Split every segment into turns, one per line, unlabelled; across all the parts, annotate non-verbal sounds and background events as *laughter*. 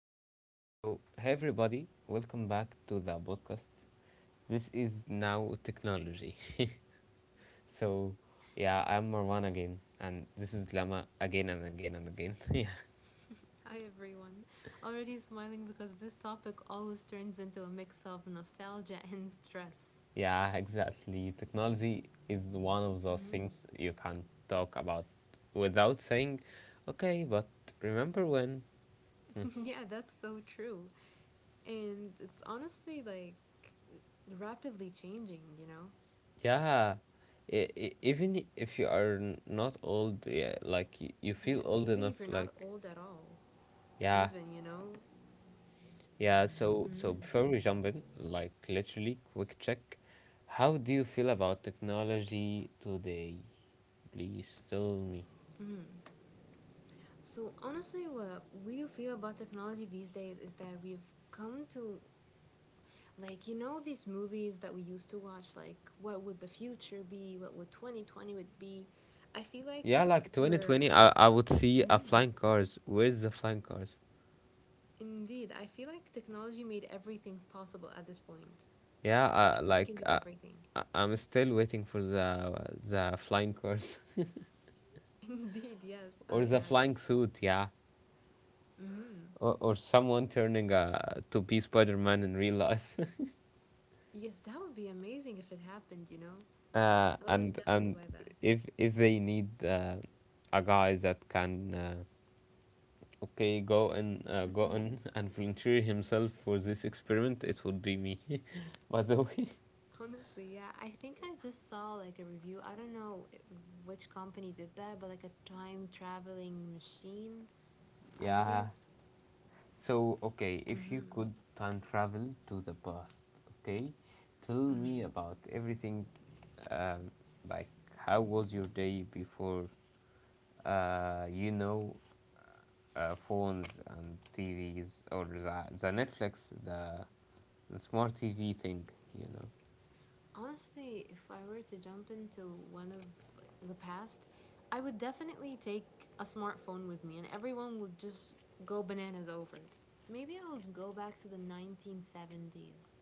cool. So, hey everybody, welcome back to the podcast. This is now technology. *laughs* So, yeah, I'm Marwan again, and this is Lama again and again and again. *laughs* Yeah,
Hi everyone. Already smiling because this topic always turns into a mix of nostalgia and stress.
yeah, exactly. Technology is one of those
hmm
things you can't talk about without saying, okay, but remember when.
*laughs* yeah, that's so true. And it's honestly like rapidly changing, you know?
Yeah, even if you are not old, yeah, like you
Yeah,
feel old
even
enough,
if you're not
like
old at all.
yeah,
Even, you know?
yeah. So
hmm
before we jump in, like literally quick check, how do you feel about technology today? Please tell me.
So honestly, what we feel about technology these days is that we've come to like, you know, these movies that we used to watch, like, what would the future be? What would 2020 would be? I feel like
Yeah, like
we're.
2020, I would see a
Mhm.
flying cars. Where's the flying cars?
Indeed, I feel like technology made everything possible at this point.
Yeah,
Like, you can
like
do everything.
I'm still waiting for the flying cars
*laughs* Indeed, yes.
*laughs* or the flying suit. Yeah.
Mm-hmm.
Or someone turning to be Spider-Man in real life.
Yes, that would be amazing if it happened, you know?
*laughs*
I would
And
definitely
and
buy that.
if they need a guy that can okay go and go on *laughs* and volunteer himself for this experiment, it would be me. *laughs* By the way,
Honestly, yeah. I think I just saw like a review. I don't know which company did that, but like a time traveling machine,
*laughs*
I
yeah.
believe.
So okay, if you could time travel to the past, okay, tell me about everything. Um, like, how was your day before? Uh, you know phones and TVs or the Netflix, the smart TV thing, you know.
Honestly, if I were to jump into one of like, the past, I would definitely take a smartphone with me and everyone would just go bananas over it. Maybe I would go back to the 1970s.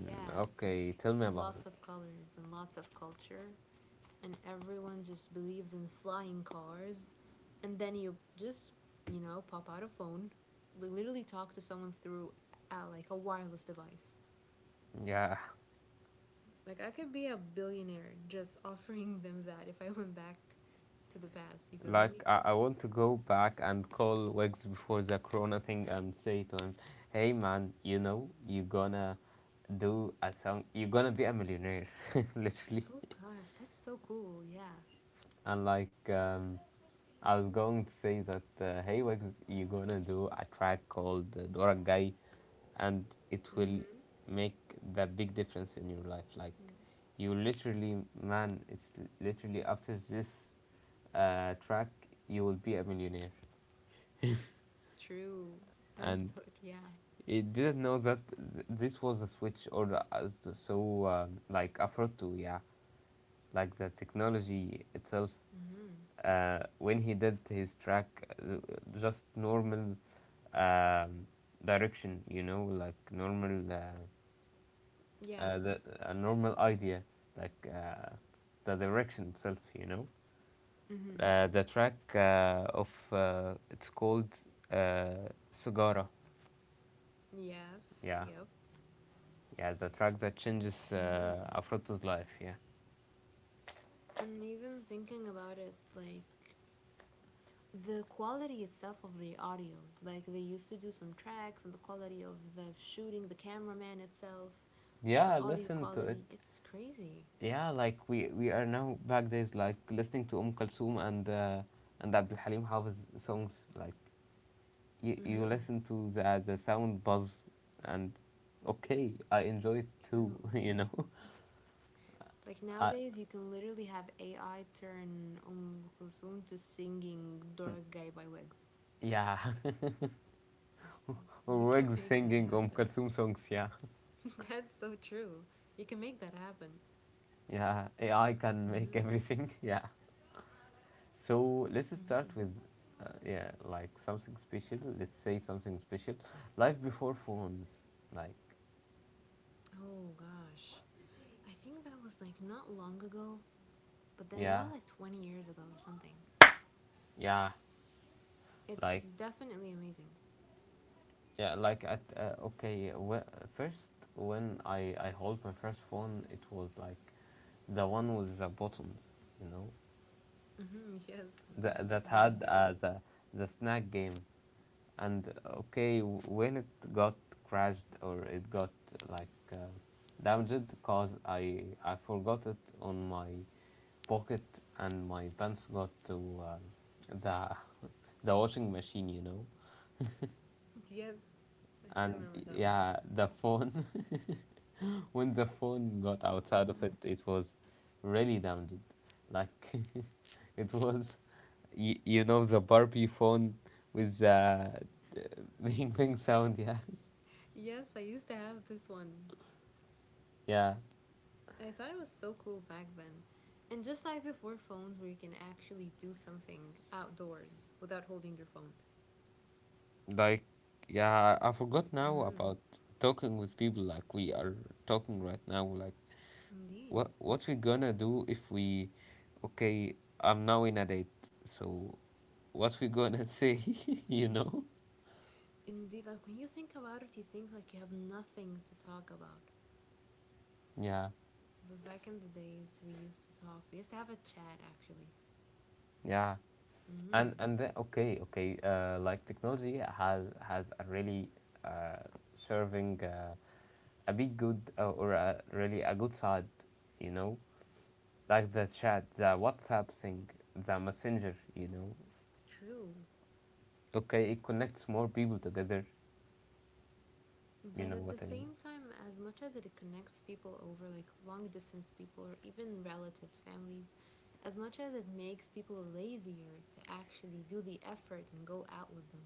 Yeah,
okay, tell me about it.
lots of colors and lots of culture, and everyone just believes in flying cars. And then you just, you know, pop out a phone, literally talk to someone through like a wireless device.
Yeah,
Like I could be a billionaire just *laughs* offering them that if I went back to the past. You feeling
like
me?
I want to go back and call Wegs before the Corona thing and say to him, hey man, you're gonna do a song, you're gonna be a millionaire, *laughs* literally.
Oh gosh, that's so cool. Yeah.
And like I was going to say that hey Wigs, you're gonna do a track called Dora Gai, and it will
Mhm.
make the big difference in your life. Like you literally, man, it's literally after this track you will be a millionaire.
True. That is
And
so *laughs* yeah.
it didn't know that this was a switch or so like Afro too, yeah, like the technology itself
Mhm.
when he did his track, uh, just normal um, direction, you know, like normal,
Yeah.
a normal idea, like the direction itself, you know.
Mhm.
The track of it's called uh, Sugara.
Yes.
Yeah,
Yep.
yeah, the track that changes Afroto's life. Yeah,
And even thinking about it like the quality itself of the audios, like they used to do some tracks and the quality of the shooting, the cameraman itself, the
yeah,
audio
listen to it.
quality, it's crazy.
Yeah, like we are now back days, like listening to Kalsum and and Abdul Halim Hafiz songs. Like you
Mhm.
listen to the sound buzz, and okay, I enjoy it too.
True.
*laughs*
Like
Uh,
nowadays, you can literally have AI turn Kulsum to singing Dora Gai by Wigs.
yeah, *laughs*
We can *laughs*
Wigs
make that
singing
happen.
Kalsum songs. Yeah,
*laughs* That's so true. You can make that happen.
yeah, AI can make
hmm
everything. *laughs* Yeah, so let's start
hmm
with. Yeah, like something special. Let's say something special. Life before phones. Like,
Oh gosh. I think that was like not long ago, but then again, that
yeah,
was like 20 years ago or something.
yeah.
It's
Like
definitely amazing.
yeah, like at okay, first, when I hold my first phone, it was like the one with the buttons, you know,
*laughs* Yes, the
that had
Blackberry. *laughs*
the snack game, and okay, when it got crashed or it got like damaged, cause I forgot it on my pocket and my pants got to the *laughs* the washing machine, you know,
Yes, I do
and
remember that one.
yeah, the phone *laughs* when the phone got outside of it, it was really damaged. Like *laughs* it was, the Barbie phone with the *laughs* bing bing sound. Yeah,
Yes, I used to have this one.
yeah.
I thought it was so cool back then. And just like before phones, where you can actually do something outdoors without holding your phone.
Like, yeah. I forgot now
Mm,
about talking with people like we are talking right now. Like,
indeed.
what we gonna do if we, okay, I'm now in a date. So what we gonna *laughs* say? *laughs* You know?
Indeed. Like when you think about it, you think like you have nothing to talk about.
Yeah,
But back in the days, we used to talk. We used to have a chat, actually.
yeah. and
Mm,
and then okay like technology has a really uh, serving a big good or a, really a good side, you know like the chat, the WhatsApp thing, the messenger,
true.
okay it connects more people together, you
But
know
at
what
the
I mean?
same time, as much as it connects people over like long distance people or even relatives, families, as much as it makes people lazier to actually do the effort and go out with them.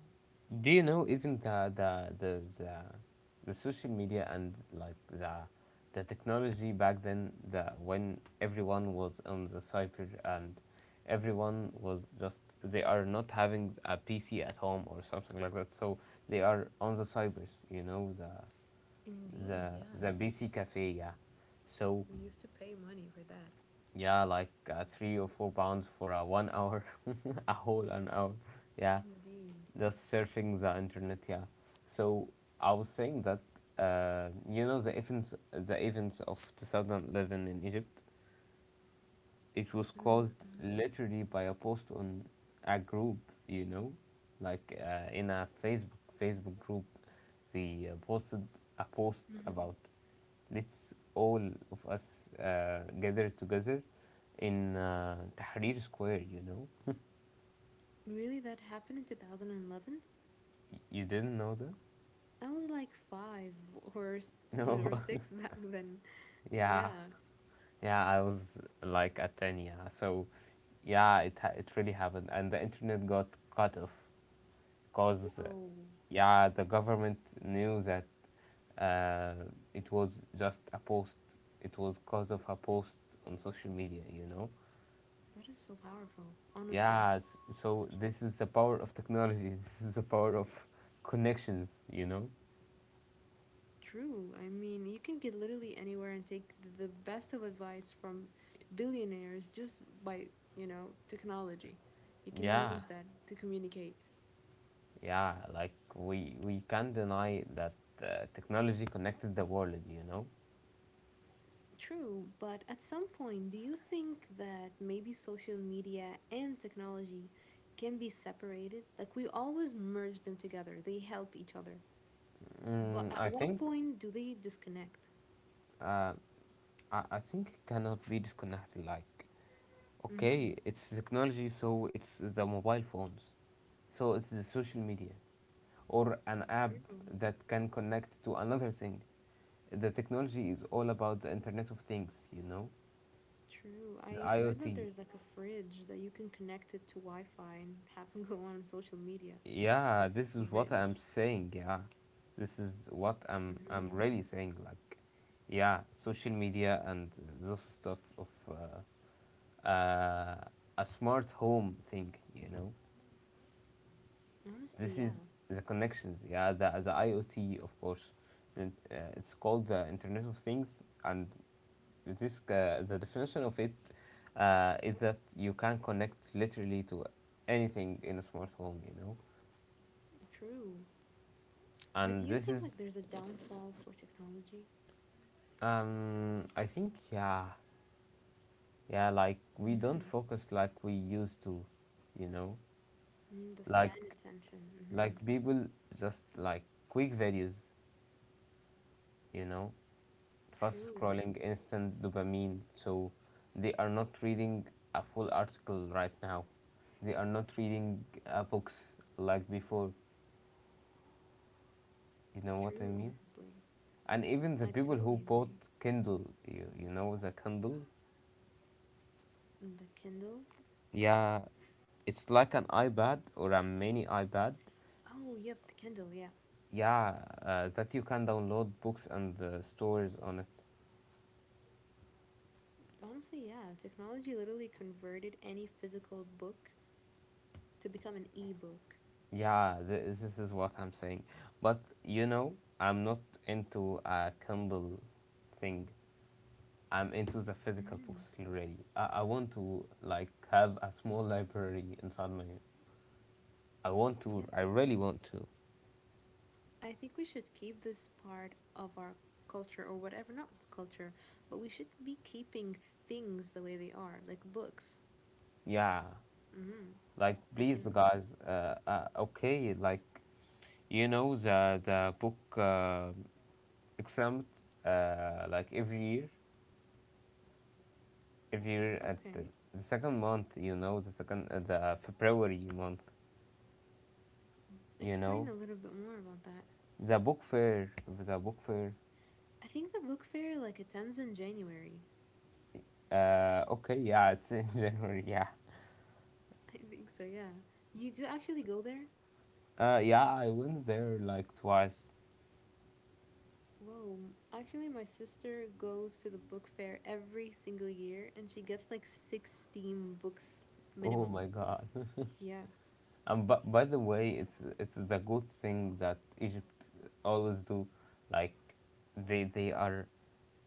Do you know, even the social media and like the technology back then, the when everyone was on the cyber, and everyone was just they are not having a PC at home or something like that, so they are on the cybers, you know,
Indeed,
the
yeah.
the BC cafe, yeah. So
We used to pay money for that.
yeah, like 3 or 4 pounds for a 1 hour *laughs* a whole an hour, yeah,
Indeed.
just surfing the internet, yeah. So I was saying that you know the events, of 2011 in Egypt, it was caused
Mm-hmm.
literally by a post on a group, you know, like in a Facebook group. They posted a post
Mm-hmm.
about, let's all of us gather together in Tahrir Square, you know.
Really, that happened in 2011?
You didn't know that?
I was like five or
*laughs* No.
or six *laughs* back then.
*laughs* Yeah.
Yeah.
Yeah, I was like at 10, yeah. So, yeah, it it really happened, and the internet got cut off, cause,
Whoa,
yeah, the government knew that uh, it was just a post. It was cause of a post on social media, you know.
that is so powerful. Honestly,
Yeah, so
such
this is the power of technology. *laughs* This is the power of connections, you know.
true. I mean, you can get literally anywhere and take the best of advice from billionaires just by, you know, technology. You can
Yeah,
use that to communicate.
yeah, like we can't deny that technology connected the world, you know.
True, but at some point, do you think that maybe social media and technology can be separated? Like, we always merge them together, they help each other. But
Mm,
at
I
what
think
point do they disconnect?
I think it cannot be disconnected. Like, okay, it's technology, so it's the mobile phones, so it's the social media, or an app
True.
that can connect to another thing. The technology is all about the Internet of Things, you know?
True.
The
I heard that
IoT.
there's like a fridge that you can connect it to Wi Fi and have *laughs* them go on social media. A
Yeah, this is what I'm
fridge.
saying, yeah. This is what I'm really saying. Like, yeah, social media and those stuff of uh, a smart home thing, you know?
Honestly,
This
yeah.
is the connections, yeah, the IoT, of course. And, it's called the Internet of Things, and this the definition of it is that you can connect literally to anything in a smart home, you know.
True. But do
And
you
this
think
is,
like there's a downfall for technology?
I think, yeah, yeah, like we don't
Mm-hmm.
focus like we used to, you know,
Mm, the span
like
attention.
like
Mm-hmm.
people just like quick videos, you know, fast
True.
scrolling, instant dopamine. So they are not reading a full article right now. They are not reading books like before. You know what I
True,
mean?
honestly.
And even the
I
people who
totally
bought
agree.
Kindle, you know the Kindle?
And the Kindle?
Yeah, it's like an iPad or a mini iPad.
Oh, yep, the Kindle, yeah.
Yeah, that you can download books and stores on it.
Honestly, yeah. Technology literally converted any physical book to become an e-book.
Yeah, this is what I'm saying. But I'm not into a Kindle thing. I'm into the physical books already. I want to like have a small library inside my. I want to. I
Yes,
really want to.
I think we should keep this part of our culture or whatever, not culture, but we should be keeping things the way they are, like books.
Yeah.
Mm,
Like
I
please,
can.
guys. Okay. Like you know the book exempt, like every year
Mm,
at the,
okay.
the second month. You know the second the February month. You
Explain
know
a little bit more about that.
the book fair. The book fair.
I think the book fair like attends in January.
Okay. Yeah, it's *laughs* in January. Yeah.
*laughs* I think so, yeah. You do actually go there?
Yeah, I went there like twice.
Whoa. Actually, my sister goes to the book fair every single year and she gets like 16 books
Oh
minimum.
my God! *laughs*
Yes.
And but by the way, it's the good thing that Egypt always do, like they are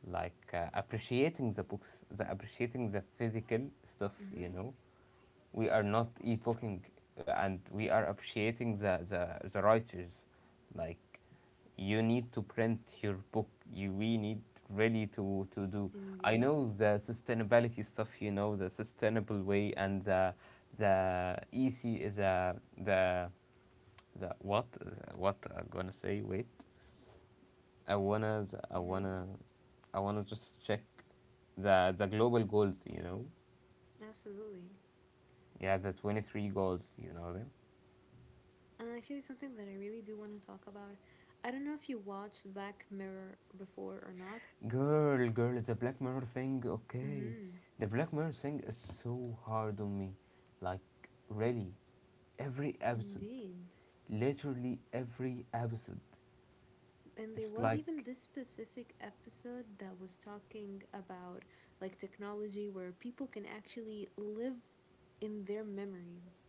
like appreciating the books, the appreciating the physical stuff, you
Mm,
know. We are not evoking and we are appreciating the writers. Like, you need to print your book. You, we need really to do. I
indeed.
know the sustainability stuff, you know, the sustainable way and the easy, the, the what I'm gonna say, wait. I wanna, I
Mm-hmm.
wanna, I wanna just check the global goals, you know.
Absolutely.
Yeah, the 23 goals, you know them.
And actually, something that I really do want to talk about. I don't know if you watched Black Mirror before or not.
Girl, girl, it's a Black Mirror thing, okay.
Mm-hmm.
The Black Mirror thing is so hard on me. Like, really, every episode,
Indeed.
literally every episode,
And there
it's
was
like,
even this specific episode that was talking about like technology where people can actually live in their memories.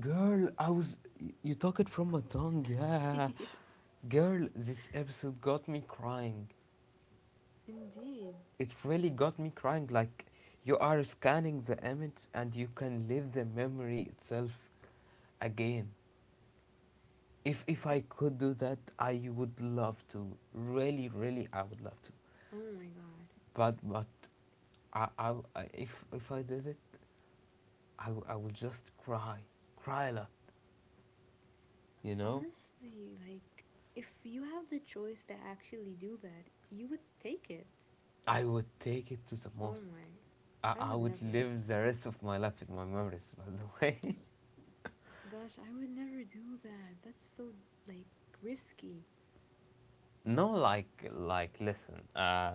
girl, I was. You took it from my tongue, *laughs*
*laughs*
yeah.
Yes,
Girl, this episode got me crying.
indeed.
It really got me crying. Like, you are scanning the image and you can live the memory itself again. If
I
I
th-
could do that, I would love to. Really, really, I would love to.
oh my god.
But I if I did it, I would just cry, cry a lot. You know,
Honestly, like, if you have the choice to actually do that, you would take it.
I would take it to the
Oh
most.
my.
I,
I
I
would
would
never.
live the rest of my life in my memories. By the way,
Gosh, I would never do that. That's so, like, risky.
*laughs* no, like listen,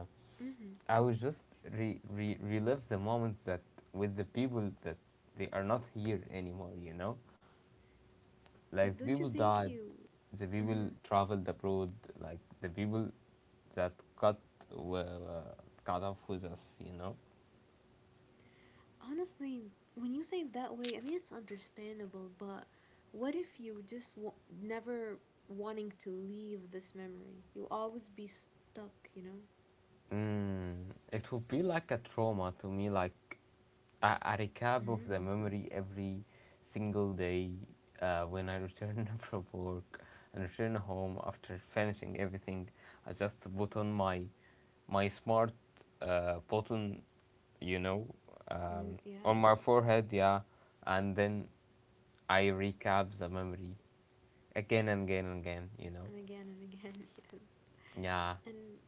I would just re, re relive the moments that with the people that they are not here anymore. You know, like
But
the
don't you
people
think
died,
you.
the people traveled abroad, like the people that got were cut off with us, you know.
Honestly, when you say it that way, I mean, it's understandable, but what if you just never wanting to leave this memory? You'll always be stuck, you know?
Mm, it would be like a trauma to me, like a recap of the
Mm,
memory every single day when I return *laughs* from work and return home after finishing everything. I just put on my smart button, you know, um,
yeah.
on my forehead, yeah, and then I recap the memory again and again and again, you know.
And again, *laughs* yes.
Yeah,
And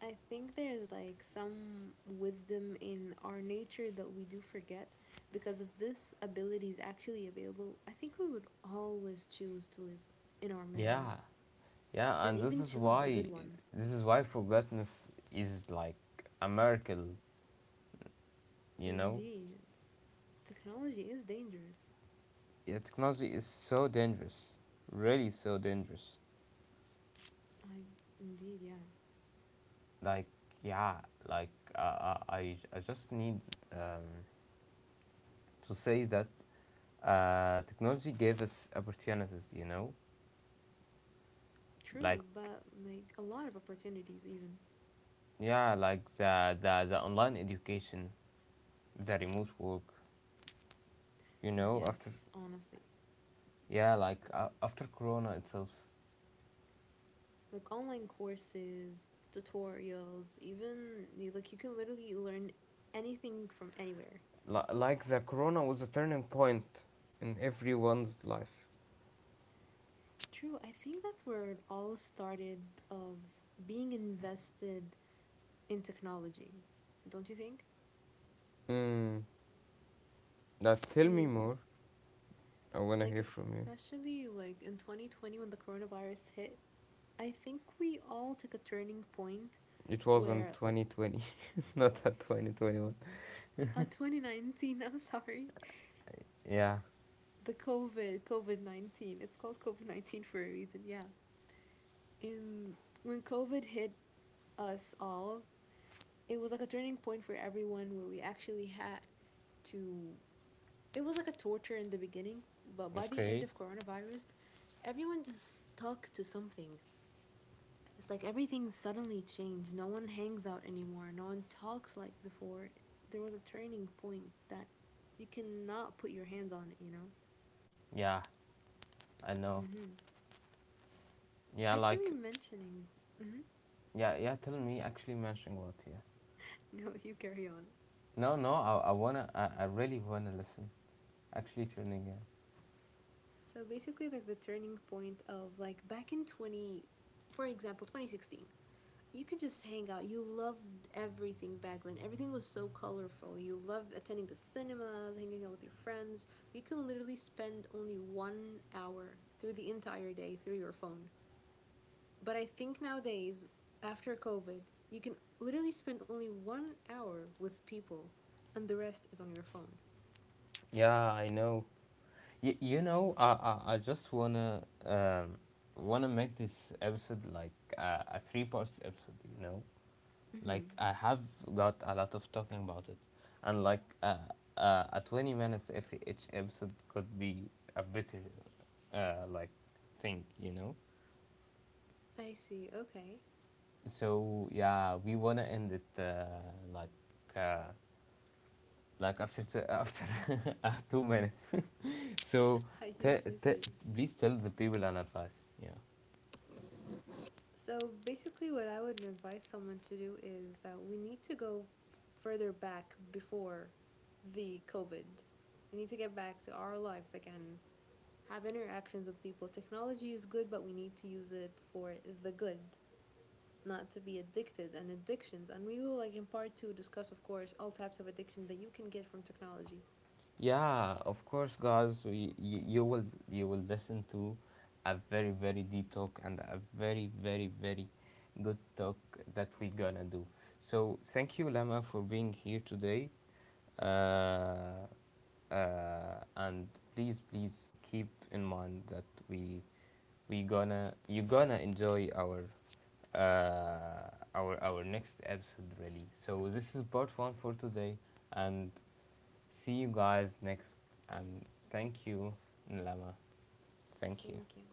I think there's like some wisdom in our nature that we do forget because if this ability is actually available, I think we would always choose to live in our
yeah.
memories
Yeah,
and
and this
even
is
choose the
why
good one.
forgetfulness is like a miracle, you know?
Indeed, technology is dangerous.
Yeah, technology is so dangerous, really so dangerous.
I indeed, yeah.
Like yeah, like uh, I just need um, to say that technology gave us opportunities, you know? Like
True, but like a lot of opportunities even.
yeah, like the online education, the remote work, you know, after
Yes, honestly.
yeah, like after corona itself.
Like online courses, tutorials, even like you can literally learn anything from anywhere.
Like the corona was a turning point in everyone's life.
True. I think that's where it all started of being invested in technology. Don't you think?
Mm. Now tell me
Mm,
more. I wanna
like
hear from you.
especially like in 2020 when the coronavirus hit, I think we all took a turning point
It was in
where
2020, *laughs* not at 2021.
2019, *laughs* I'm sorry.
Yeah.
The COVID-19. It's called COVID-19 for a reason. Yeah. In when COVID hit us all, it was like a turning point for everyone where we actually had to. It was like a torture in the beginning, but by the end
Okay.
of coronavirus, everyone just stuck to something. It's like everything suddenly changed. No one hangs out anymore. No one talks like before. There was a turning point that you cannot put your hands on it, you know?
Yeah. I know. Yeah.
Actually
Like.
mentioning.
Yeah. Yeah. Tell me. Actually, mentioning what? Yeah.
*laughs* No, you carry on.
No. No. I. I wanna. I. I really wanna listen. Actually, turning in.
So basically like the turning point of like back in 20, for example, 2016. You could just hang out. You loved everything back then. Everything was so colorful. You loved attending the cinemas, hanging out with your friends. You can literally spend only 1 hour through the entire day through your phone. But I think nowadays, after COVID, you can literally spend only 1 hour with people, and the rest is on your phone.
Yeah, I know. You know. I just wanna. Wanna make this episode like a three parts episode. You know. Like
Mm-hmm.
I have got a lot of talking about it, and like a 20 minutes if each episode could be a better like thing, you know.
I see. Okay.
So yeah, we wanna end it like uh, like after after *laughs* 2 minutes. *laughs* So
*laughs*
te-
Yes, I
te-
see.
please tell the people an advice. Yeah.
So basically, what I would advise someone to do is that we need to go further back before the COVID. We need to get back to our lives again, have interactions with people. Technology is good, but we need to use it for the good, not to be addicted and addictions. And we will, like in part two, discuss, of course, all types of addiction that you can get from technology.
Yeah, of course, guys. You will listen to a very very deep talk and a very very very good talk that we gonna do. So thank you, Lama, for being here today. Uh, and please please keep in mind that we we gonna you gonna enjoy our uh, our next episode really. So this is part one for today, and see you guys next, and thank you, Nlama. Thank you.
Thank you.